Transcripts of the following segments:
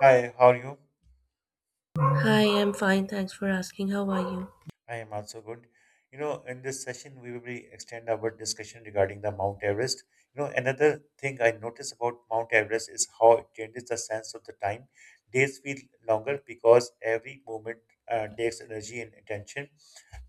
Hi, how are you? Hi, I'm fine. Thanks for asking. How are you? I am also good. In this session, we will be extend our discussion regarding the Mount Everest. Another thing I notice about Mount Everest is how it changes the sense of the time. Days feel longer because every movement takes energy and attention.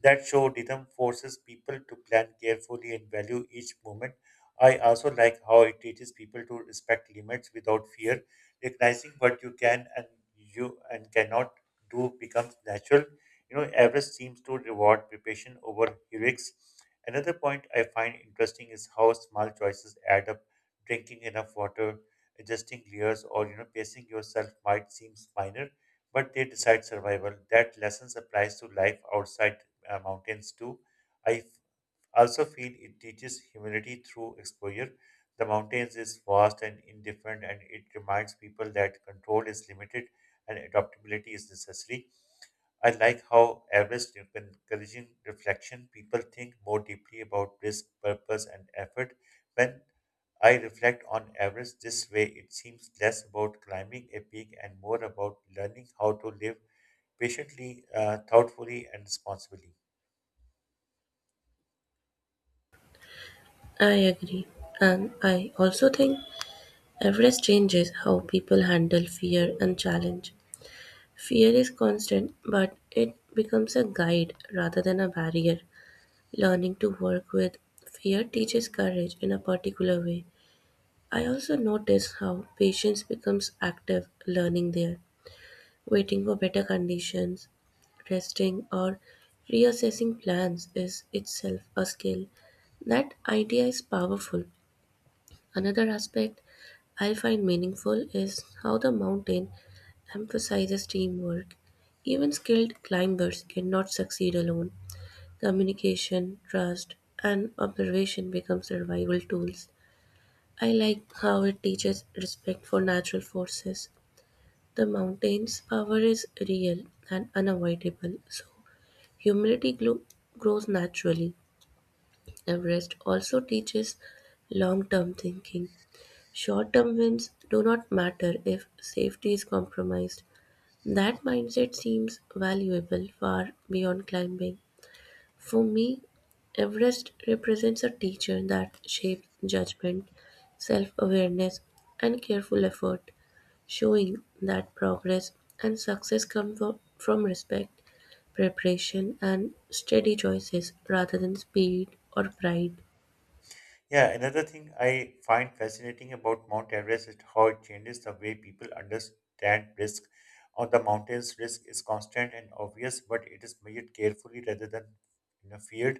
That show rhythm forces people to plan carefully and value each moment. I also like how it teaches people to respect limits without fear. Recognizing what you can and you and cannot do becomes natural. Everest seems to reward preparation over heroics. Another point I find interesting is how small choices add up. Drinking enough water, adjusting gears, or pacing yourself might seem minor, but they decide survival. That lesson applies to life outside mountains too. I also feel it teaches humility through exposure. The mountains is vast and indifferent, and it reminds people that control is limited and adaptability is necessary. I like how Everest encouraging reflection. People think more deeply about risk, purpose, and effort. When I reflect on Everest this way, it seems less about climbing a peak and more about learning how to live patiently, thoughtfully, and responsibly. I agree. And I also think Everest changes how people handle fear and challenge. Fear is constant, but it becomes a guide rather than a barrier. Learning to work with fear teaches courage in a particular way. I also notice how patience becomes active learning there. Waiting for better conditions, resting, or reassessing plans is itself a skill. That idea is powerful. Another aspect I find meaningful is how the mountain emphasizes teamwork. Even skilled climbers cannot succeed alone. Communication, trust, and observation become survival tools. I like how it teaches respect for natural forces, the mountain's power is real and unavoidable, so humility grows naturally. Everest also teaches long term thinking. Short term wins do not matter if safety is compromised. That mindset seems valuable far beyond climbing. For me, Everest represents a teacher that shapes judgment, self awareness, and careful effort, showing that progress and success come from respect, preparation, and steady choices rather than speed or pride. Yeah, another thing I find fascinating about Mount Everest is how it changes the way people understand risk. On the mountains, risk is constant and obvious, but it is measured carefully rather than feared.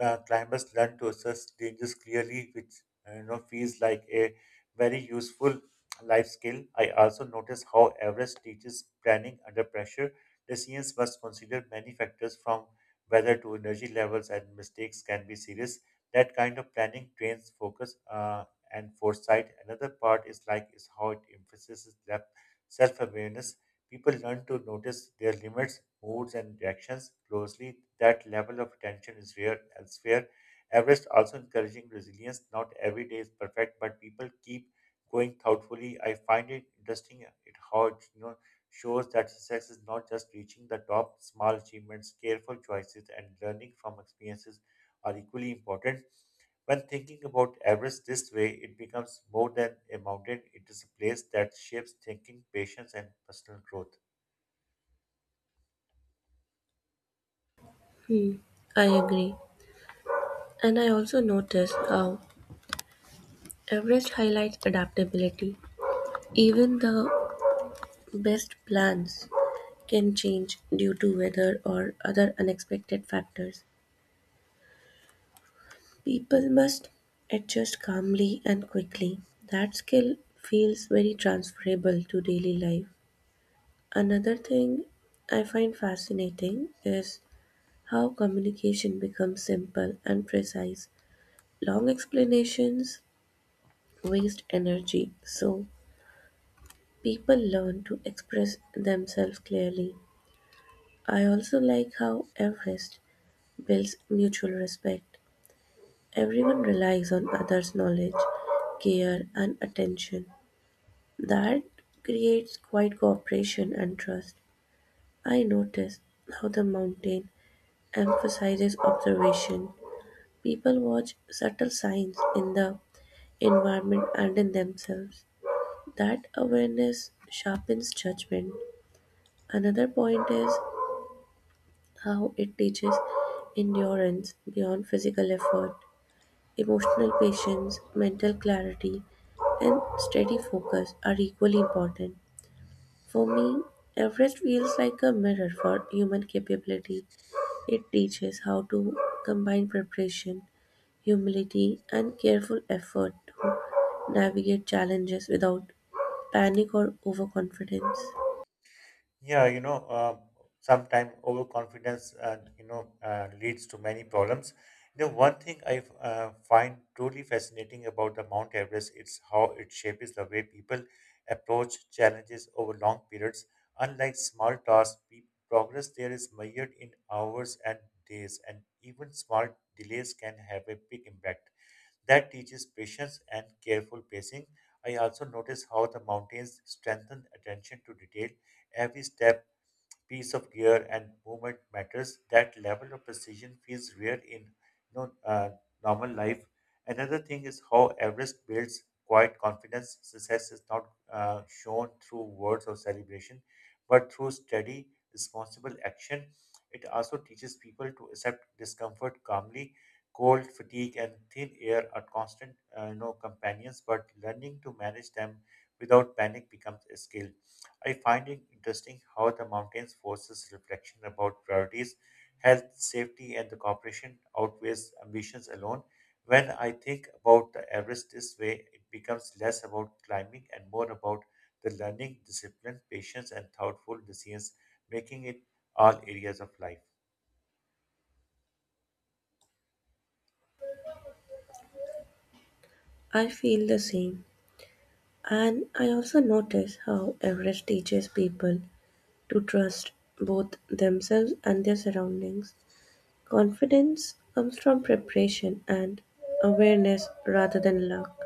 Climbers learn to assess dangers clearly, which feels like a very useful life skill. I also notice how Everest teaches planning under pressure. Decisions must consider many factors from weather to energy levels, and mistakes can be serious. That kind of planning trains focus and foresight. Another part is like is how it emphasizes that self-awareness. People learn to notice their limits, moods, and reactions closely. That level of attention is rare elsewhere. Everest also encouraging resilience. Not every day is perfect, but people keep going thoughtfully. I find it interesting it how it shows that success is not just reaching the top. Small achievements, careful choices, and learning from experiences are equally important. When thinking about Everest this way, it becomes more than a mountain, it is a place that shapes thinking, patience, and personal growth. Hmm, I agree. And I also noticed how Everest highlights adaptability. Even the best plans can change due to weather or other unexpected factors. People must adjust calmly and quickly. That skill feels very transferable to daily life. Another thing I find fascinating is how communication becomes simple and precise. Long explanations waste energy, so people learn to express themselves clearly. I also like how Everest builds mutual respect. Everyone relies on others' knowledge, care, and attention. That creates quite cooperation and trust. I notice how the mountain emphasizes observation; people watch subtle signs in the environment and in themselves. That awareness sharpens judgment. Another point is how it teaches endurance beyond physical effort. Emotional patience, mental clarity, and steady focus are equally important. For me, Everest feels like a mirror for human capability. It teaches how to combine preparation, humility, and careful effort to navigate challenges without panic or overconfidence. Yeah, sometimes overconfidence and leads to many problems. The one thing I find truly fascinating about the Mount Everest is how it shapes the way people approach challenges over long periods. Unlike small tasks, progress there is measured in hours and days, and even small delays can have a big impact. That teaches patience and careful pacing. I also notice how the mountains strengthen attention to detail. Every step piece of gear and movement matters. That level of precision feels rare in normal life. Another thing is how Everest builds quiet confidence. Success is not shown through words of celebration, but through steady, responsible action. It also teaches people to accept discomfort calmly. Cold, fatigue, and thin air are constant, companions. But learning to manage them without panic becomes a skill. I find it interesting how the mountains forces reflection about priorities, health, safety, and the cooperation outweighs ambitions alone. When I think about the Everest this way, it becomes less about climbing and more about the learning, discipline, patience, and thoughtful decisions, making it all areas of life. I feel the same. And I also notice how Everest teaches people to trust both themselves and their surroundings. Confidence comes from preparation and awareness rather than luck.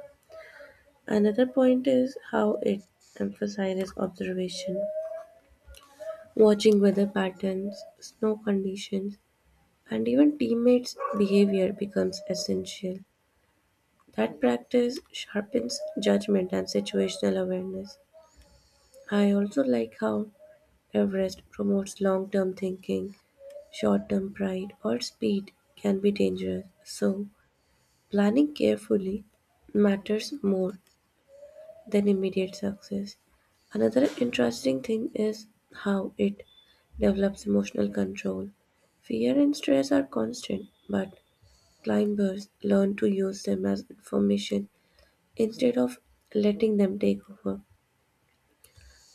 Another point is how it emphasizes observation, watching weather patterns, snow conditions, and even teammates' behavior becomes essential. That practice sharpens judgment and situational awareness. I also like how Everest promotes long term thinking, short term pride, or speed can be dangerous, so planning carefully matters more than immediate success. Another interesting thing is how it develops emotional control. Fear and stress are constant, but climbers learn to use them as information instead of letting them take over.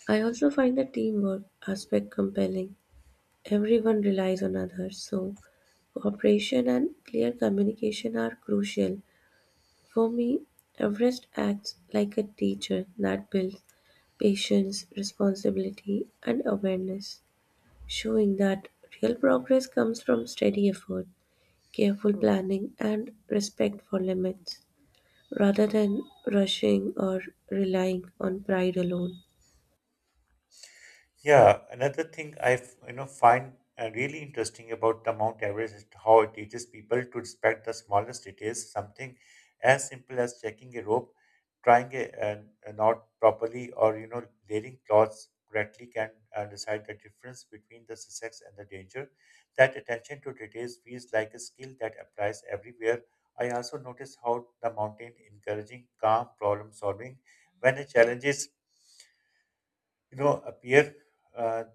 I also find the teamwork aspect compelling. Everyone relies on others, so cooperation and clear communication are crucial. For me, Everest acts like a teacher that builds patience, responsibility, and awareness, showing that real progress comes from steady effort, careful planning, and respect for limits, rather than rushing or relying on pride alone. Yeah, another thing I find really interesting about the Mount Everest is how it teaches people to respect the smallest details. Something as simple as checking a rope, trying a knot properly, or laying cloths correctly can decide the difference between the success and the danger. That attention to details feels like a skill that applies everywhere. I also notice how the mountain encouraging calm problem solving when the challenges appear. uh,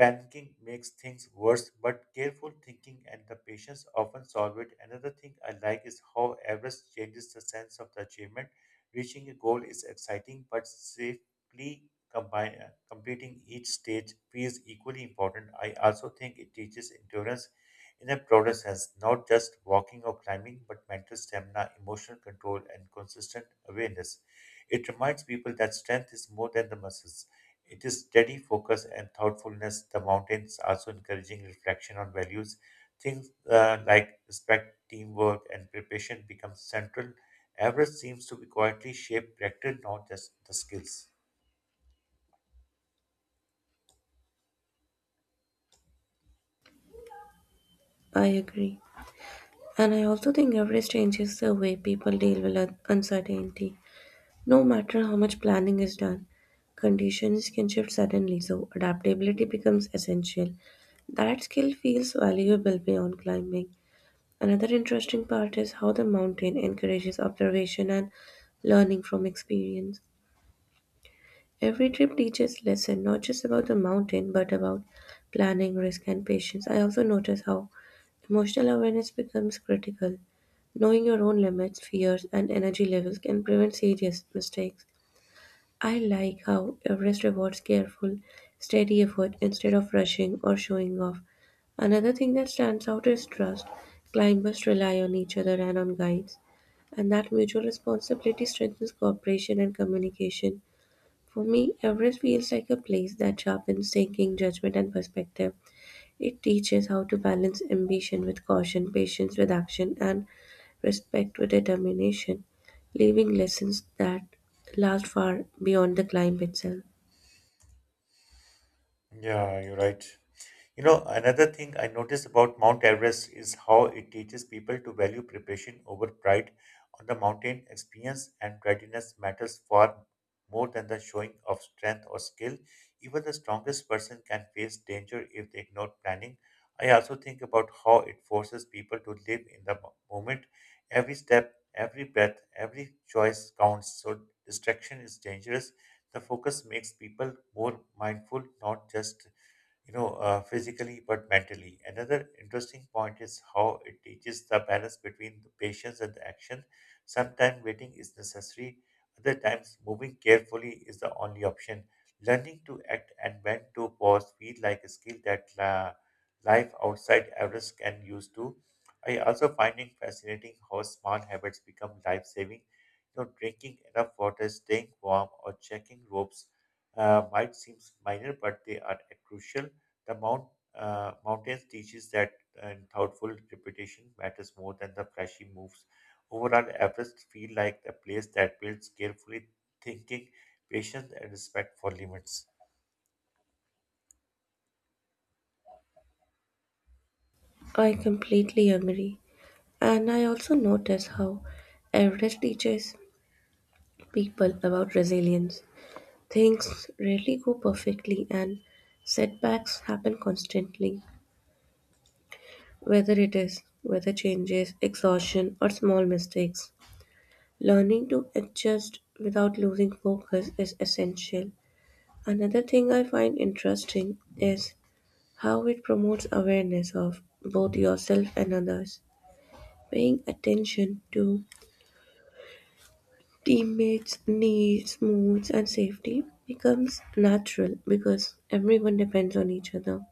Panicking makes things worse, but careful thinking and the patience often solve it. Another thing I like is how Everest changes the sense of the achievement. Reaching a goal is exciting, but safely completing each stage feels equally important. I also think it teaches endurance in a broader sense, not just walking or climbing, but mental stamina, emotional control, and consistent awareness. It reminds people that strength is more than the muscles. It is steady focus and thoughtfulness. The mountains also encouraging reflection on values. Things like respect, teamwork, and preparation become central. Everest seems to be quietly shaped, character, not just the skills. I agree. And I also think average changes the way people deal with uncertainty. No matter how much planning is done, conditions can shift suddenly, so adaptability becomes essential. That skill feels valuable beyond climbing. Another interesting part is how the mountain encourages observation and learning from experience. Every trip teaches lesson not just about the mountain but about planning, risk and patience. I also notice how emotional awareness becomes critical. Knowing your own limits, fears and energy levels can prevent serious mistakes. I like how Everest rewards careful, steady effort instead of rushing or showing off. Another thing that stands out is trust. Climbers rely on each other and on guides, and that mutual responsibility strengthens cooperation and communication. For me, Everest feels like a place that sharpens thinking, judgment, and perspective. It teaches how to balance ambition with caution, patience with action, and respect with determination, leaving lessons that last far beyond the climb itself. Yeah, you're right. Another thing I noticed about Mount Everest is how it teaches people to value preparation over pride. On the mountain, experience and readiness matters far more than the showing of strength or skill. Even the strongest person can face danger if they ignore planning. I also think about how it forces people to live in the moment. Every step, every breath, every choice counts. So distraction is dangerous. The focus makes people more mindful, not just physically but mentally. Another interesting point is how it teaches the balance between the patience and the action. Sometimes waiting is necessary, other times moving carefully is the only option. Learning to act and when to pause feel like a skill that la life outside Everest can use too. I also finding fascinating how small habits become life-saving. Drinking enough water, staying warm, or checking ropes might seem minor, but they are crucial. The mountains teaches that and thoughtful repetition matters more than the flashy moves. Overall, Everest feel like a place that builds carefully thinking, patience, and respect for limits. I completely agree. And I also notice how Everest teaches people about resilience. Things rarely go perfectly and setbacks happen constantly, whether it is weather changes, exhaustion, or small mistakes. Learning to adjust without losing focus is essential. Another thing I find interesting is how it promotes awareness of both yourself and others. Paying attention to teammates' needs, moods, and safety becomes natural because everyone depends on each other.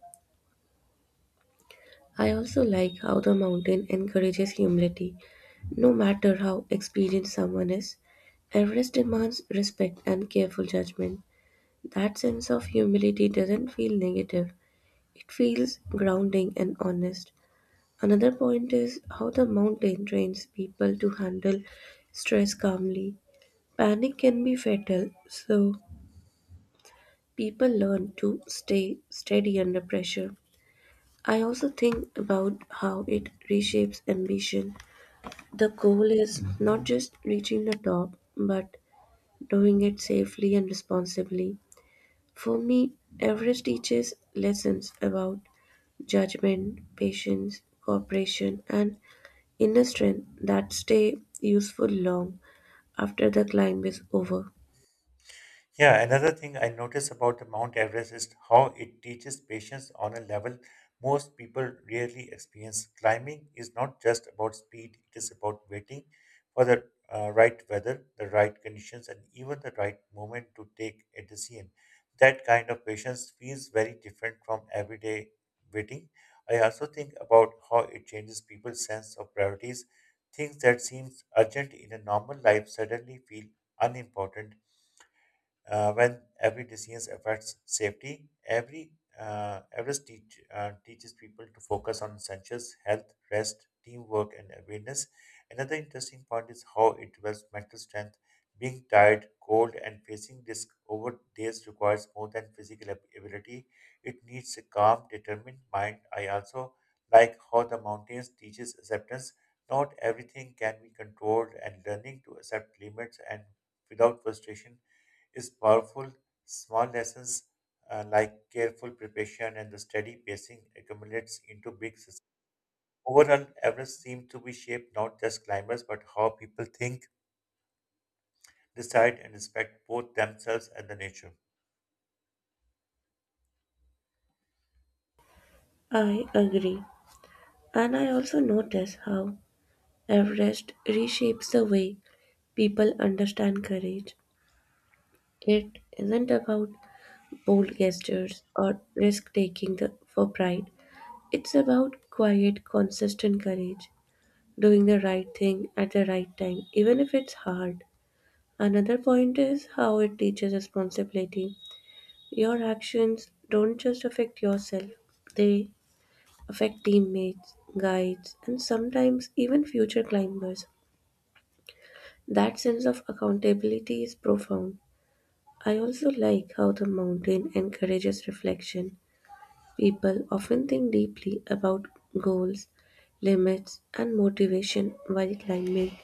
I also like how the mountain encourages humility. No matter how experienced someone is, Everest demands respect and careful judgment. That sense of humility doesn't feel negative, it feels grounding and honest. Another point is how the mountain trains people to handle stress calmly. Panic can be fatal, so people learn to stay steady under pressure. I also think about how it reshapes ambition. The goal is not just reaching the top, but doing it safely and responsibly. For me, Everest teaches lessons about judgment, patience, cooperation, and inner strength that stay useful long after the climb is over. Yeah, another thing I notice about the Mount Everest is how it teaches patience on a level most people rarely experience. Climbing is not just about speed, it is about waiting for the right weather, the right conditions, and even the right moment to take a decision. That kind of patience feels very different from everyday waiting. I also think about how it changes people's sense of priorities. Things that seem urgent in a normal life suddenly feel unimportant when every decision affects safety. Every Everest teach, teaches people to focus on essentials, health, rest, teamwork, and awareness. Another interesting point is how it develops mental strength. Being tired, cold, and facing risk over days requires more than physical ability. It needs a calm, determined mind. I also like how the mountains teaches acceptance. Not everything can be controlled, and learning to accept limits and without frustration is powerful. Small lessons like careful preparation and the steady pacing accumulates into big systems. Overall, Everest seems to be shaped not just climbers but how people think, decide, and respect both themselves and the nature. I agree. And I also notice how Everest reshapes the way people understand courage. It isn't about bold gestures or risk taking the, for pride. It's about quiet, consistent courage, doing the right thing at the right time, even if it's hard. Another point is how it teaches responsibility. Your actions don't just affect yourself, they affect teammates, guides, and sometimes even future climbers. That sense of accountability is profound. I also like how the mountain encourages reflection. People often think deeply about goals, limits, and motivation while climbing,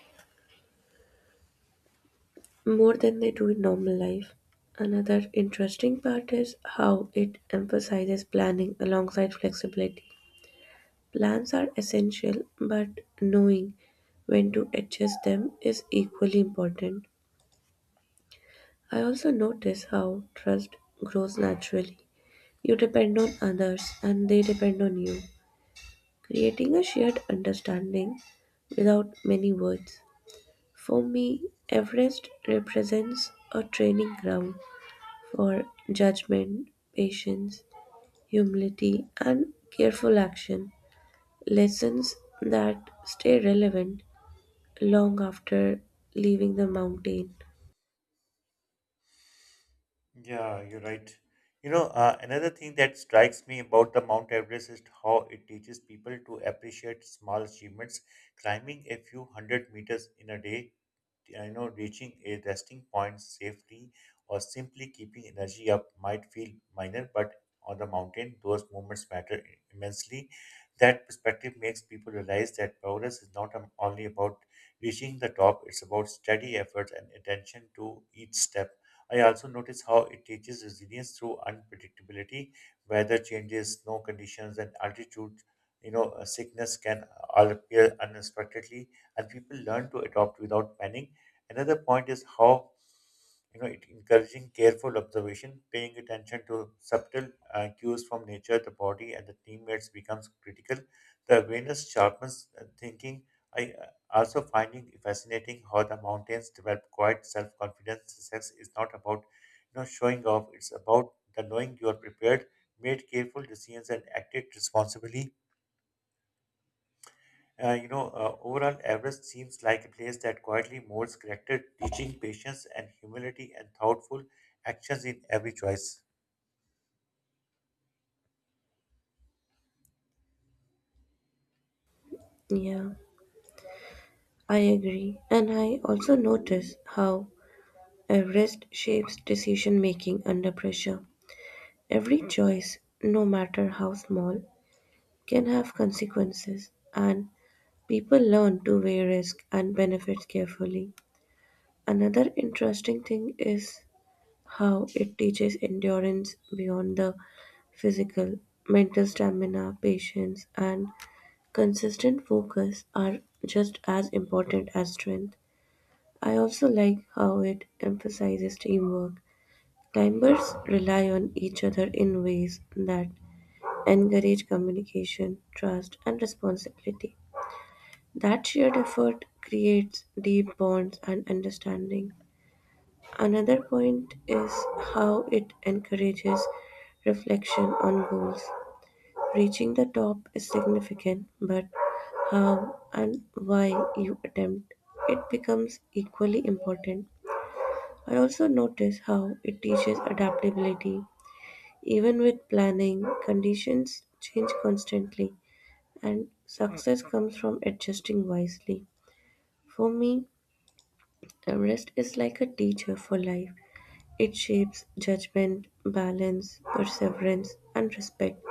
more than they do in normal life. Another interesting part is how it emphasizes planning alongside flexibility. Plans are essential, but knowing when to adjust them is equally important. I also notice how trust grows naturally. You depend on others and they depend on you, creating a shared understanding without many words. For me, Everest represents a training ground for judgment, patience, humility, and careful action, lessons that stay relevant long after leaving the mountain. Yeah, you're right. Another thing that strikes me about the Mount Everest is how it teaches people to appreciate small achievements. Climbing a few hundred meters in a day reaching a resting point safely or simply keeping energy up might feel minor, but on the mountain those moments matter immensely. That perspective makes people realize that progress is not only about reaching the top. It's about steady efforts and attention to each step. I also notice how it teaches resilience through unpredictability. Weather changes, snow conditions, and altitude sickness can all appear unexpectedly, and people learn to adopt without panic. Another point is how it encouraging careful observation, paying attention to subtle cues from nature, the body, and the teammates becomes critical. The awareness sharpens thinking. I also finding fascinating how the mountains develop quiet self-confidence. Success is not about showing off; it's about the knowing you are prepared, made careful decisions, and acted responsibly. Overall, Everest seems like a place that quietly molds character, teaching patience and humility and thoughtful actions in every choice. Yeah, I agree. And I also notice how Everest shapes decision-making under pressure; every choice, no matter how small, can have consequences, and people learn to weigh risk and benefits carefully. Another interesting thing is how it teaches endurance beyond the physical. Mental stamina, patience, and consistent focus are just as important as strength. I also like how it emphasizes teamwork. Timbers rely on each other in ways that encourage communication, trust, and responsibility. That shared effort creates deep bonds and understanding. Another point is how it encourages reflection on goals. Reaching the top is significant, but how and why you attempt it becomes equally important. I also notice how it teaches adaptability. Even with planning, conditions change constantly, and success comes from adjusting wisely. For me, rest is like a teacher for life. It shapes judgment, balance, perseverance, and respect,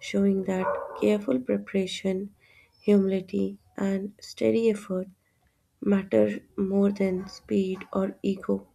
showing that careful preparation, humility, and steady effort matter more than speed or ego.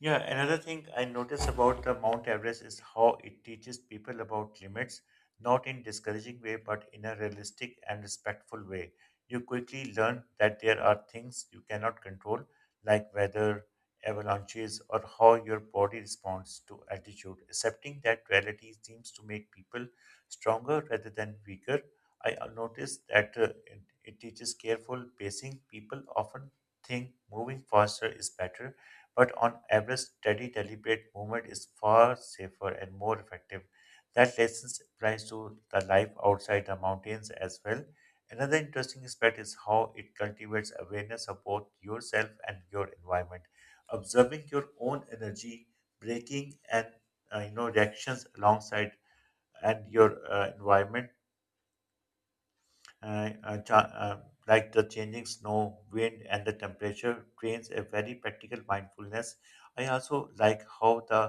Yeah, another thing I notice about the Mount Everest is how it teaches people about limits, not in discouraging way, but in a realistic and respectful way. You quickly learn that there are things you cannot control, like weather, avalanches, or how your body responds to altitude. Accepting that reality seems to make people stronger rather than weaker. I noticed that it teaches careful pacing. People often think moving faster is better, but on average, steady, deliberate movement is far safer and more effective. That lesson applies to the life outside the mountains as well. Another interesting aspect is how it cultivates awareness of both yourself and your environment. Observing your own energy, breaking and reactions alongside and your environment uh, uh, cha- uh, like the changing snow, wind, and the temperature trains a very practical mindfulness. I also like how the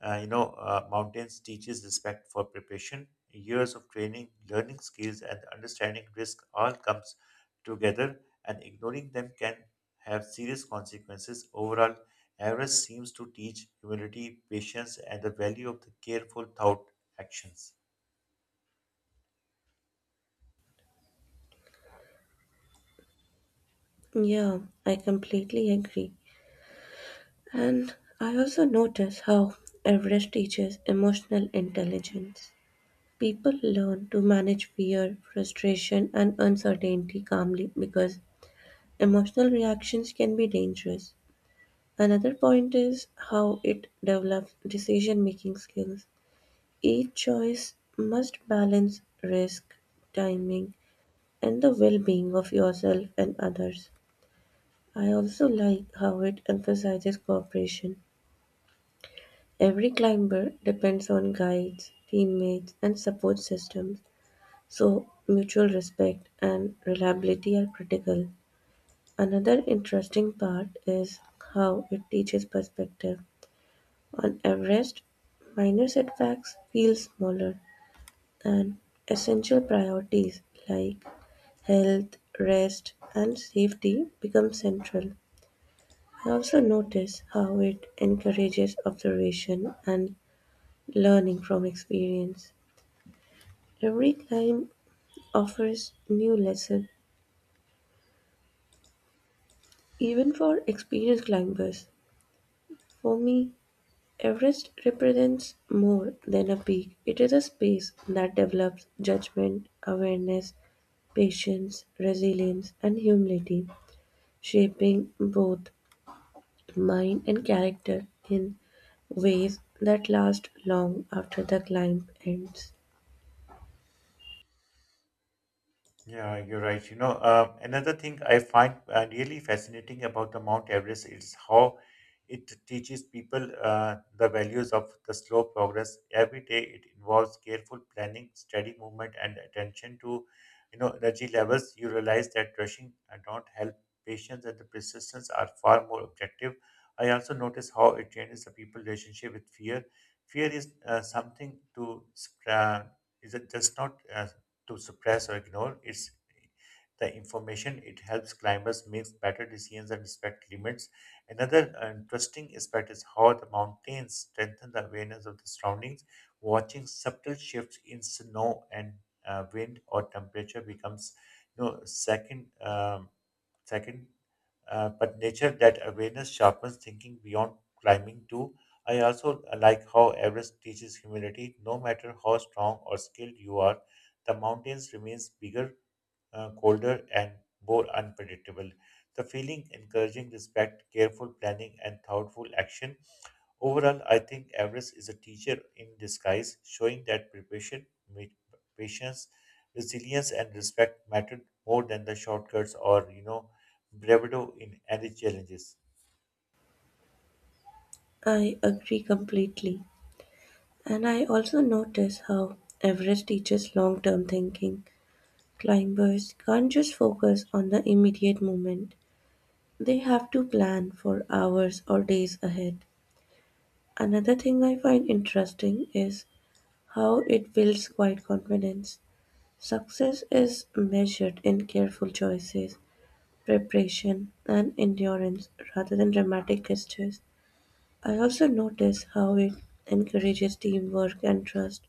mountains teaches respect for preparation. Years of training, learning skills, and understanding risk all comes together, and ignoring them can have serious consequences. Overall, Everest seems to teach humility, patience, and the value of the careful thought actions. Yeah, I completely agree. And I also notice how Everest teaches emotional intelligence. People learn to manage fear, frustration, and uncertainty calmly because emotional reactions can be dangerous. Another point is how it develops decision making skills. Each choice must balance risk, timing, and the well being of yourself and others. I also like how it emphasizes cooperation. Every climber depends on guides, teammates, and support systems, so mutual respect and reliability are critical. Another interesting part is how it teaches perspective. On Everest, minor setbacks feel smaller, and essential priorities like health, rest, and safety become central. I also notice how it encourages observation and learning from experience. Every climb offers new lesson, even for experienced climbers. For me, Everest represents more than a peak. It is a space that develops judgment, awareness, patience, resilience, and humility, shaping both mind and character in ways that last long after the climb ends. Yeah, you're right. Another thing I find really fascinating about the Mount Everest is how it teaches people the values of the slow progress. Every day, it involves careful planning, steady movement, and attention to, you know, energy levels. You realize that rushing don't help. Patience and the persistence are far more objective. I also notice how it changes the people' relationship with fear. Fear is is it just not to suppress or ignore. It's the information. It helps climbers make better decisions and respect limits. Another interesting aspect is how the mountains strengthen the awareness of the surroundings. Watching subtle shifts in snow and wind or temperature becomes, second. Second, but nature that awareness sharpens thinking beyond climbing too. I also like how Everest teaches humility. No matter how strong or skilled you are, the mountains remains bigger, colder and more unpredictable. The feeling encouraging respect, careful planning, and thoughtful action. Overall, I think Everest is a teacher in disguise, showing that preparation, ma- patience, resilience, and respect mattered more than the shortcuts or bravado in any challenges. I agree completely. And I also notice how Everest teaches long term thinking. Climbers can't just focus on the immediate moment. They have to plan for hours or days ahead. Another thing I find interesting is how it builds quiet confidence. Success is measured in careful choices, preparation, and endurance rather than dramatic gestures. I also notice how it encourages teamwork and trust.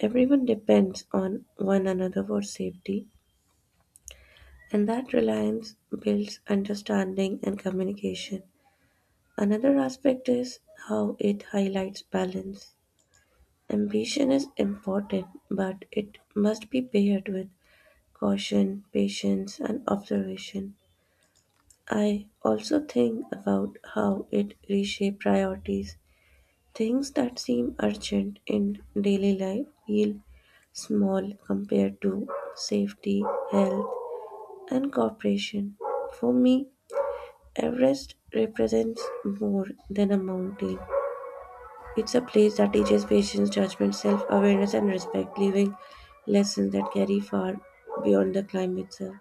Everyone depends on one another for safety, and that reliance builds understanding and communication. Another aspect is how it highlights balance. Ambition is important, but it must be paired with caution, patience, and observation. I also think about how it reshapes priorities. Things that seem urgent in daily life feel small compared to safety, health, and cooperation. For me, Everest represents more than a mountain. It's a place that teaches patience, judgment, self awareness, and respect, leaving lessons that carry far beyond the climb itself.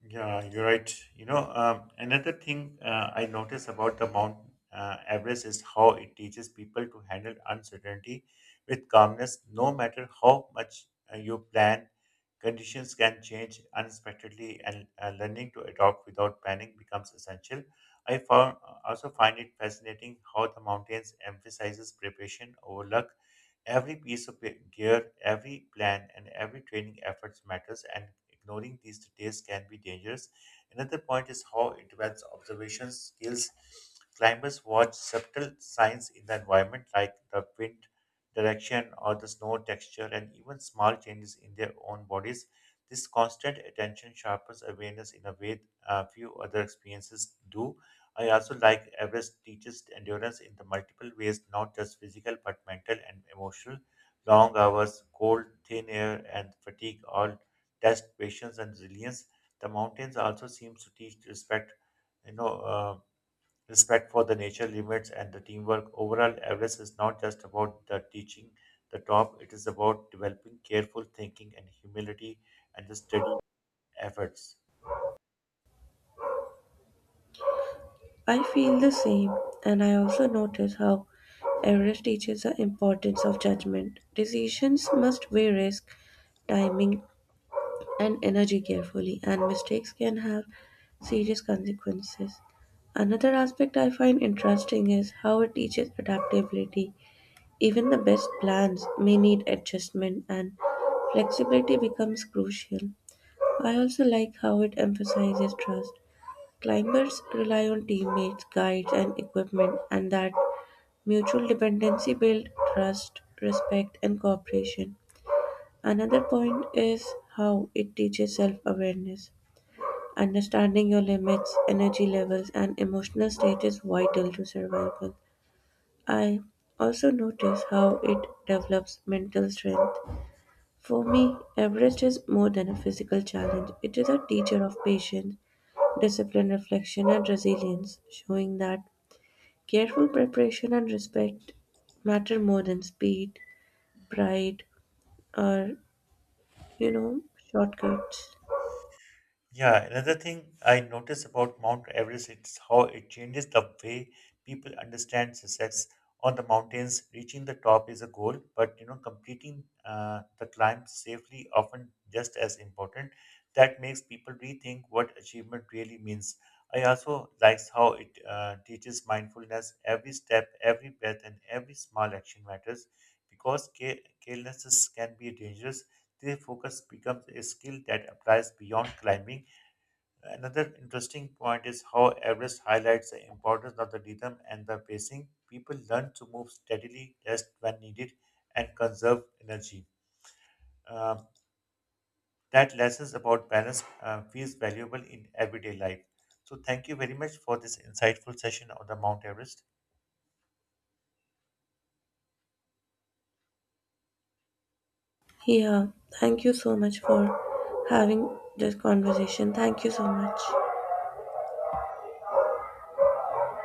Yeah, you're right. Another thing I notice about the Mount Everest is how it teaches people to handle uncertainty with calmness. No matter how much you plan, conditions can change unexpectedly, and learning to adopt without panic becomes essential. I found, also find it fascinating how the mountains emphasizes preparation over luck. Every piece of gear, every plan, and every training efforts matters, and ignoring these details can be dangerous. Another point is how it develops observation skills. Climbers watch subtle signs in the environment, like the wind direction or the snow texture, and even small changes in their own bodies. This constant attention sharpens awareness in a way few other experiences do. I also like Everest teaches endurance in the multiple ways, not just physical but mental and emotional. Long hours, cold, thin air, and fatigue all test patience and resilience. The mountains also seems to teach respect, you know, uh, respect for the nature limits and the teamwork. Overall, Everest is not just about the teaching the top; it is about developing careful thinking and humility and the steady efforts. I feel the same, and I also notice how Everest teaches the importance of judgment. Decisions must weigh risk, timing, and energy carefully, and mistakes can have serious consequences. Another aspect I find interesting is how it teaches adaptability. Even the best plans may need adjustment, and flexibility becomes crucial. I also like how it emphasizes trust. Climbers rely on teammates, guides, and equipment, and that mutual dependency builds trust, respect, and cooperation. Another point is how it teaches self awareness. Understanding your limits, energy levels, and emotional state is vital to survival. I also notice how it develops mental strength. For me, Everest is more than a physical challenge. It is a teacher of patience, discipline, reflection, and resilience, showing that careful preparation and respect matter more than speed, pride, or, you know, shortcuts. Yeah, another thing I notice about Mount Everest is how it changes the way people understand success on the mountains. Reaching the top is a goal, but you know, completing the climb safely often just as important. That makes people rethink what achievement really means. I also likes how it teaches mindfulness. Every step, every breath, and every small action matters because carelessness can be dangerous. Their focus becomes a skill that applies beyond climbing. Another interesting point is how Everest highlights the importance of the rhythm and the pacing. People learn to move steadily, rest when needed, and conserve energy. Um, that lessons about balance feels valuable in everyday life. So, thank you very much for this insightful session on the Mount Everest. Yeah, thank you so much for having this conversation. Thank you so much.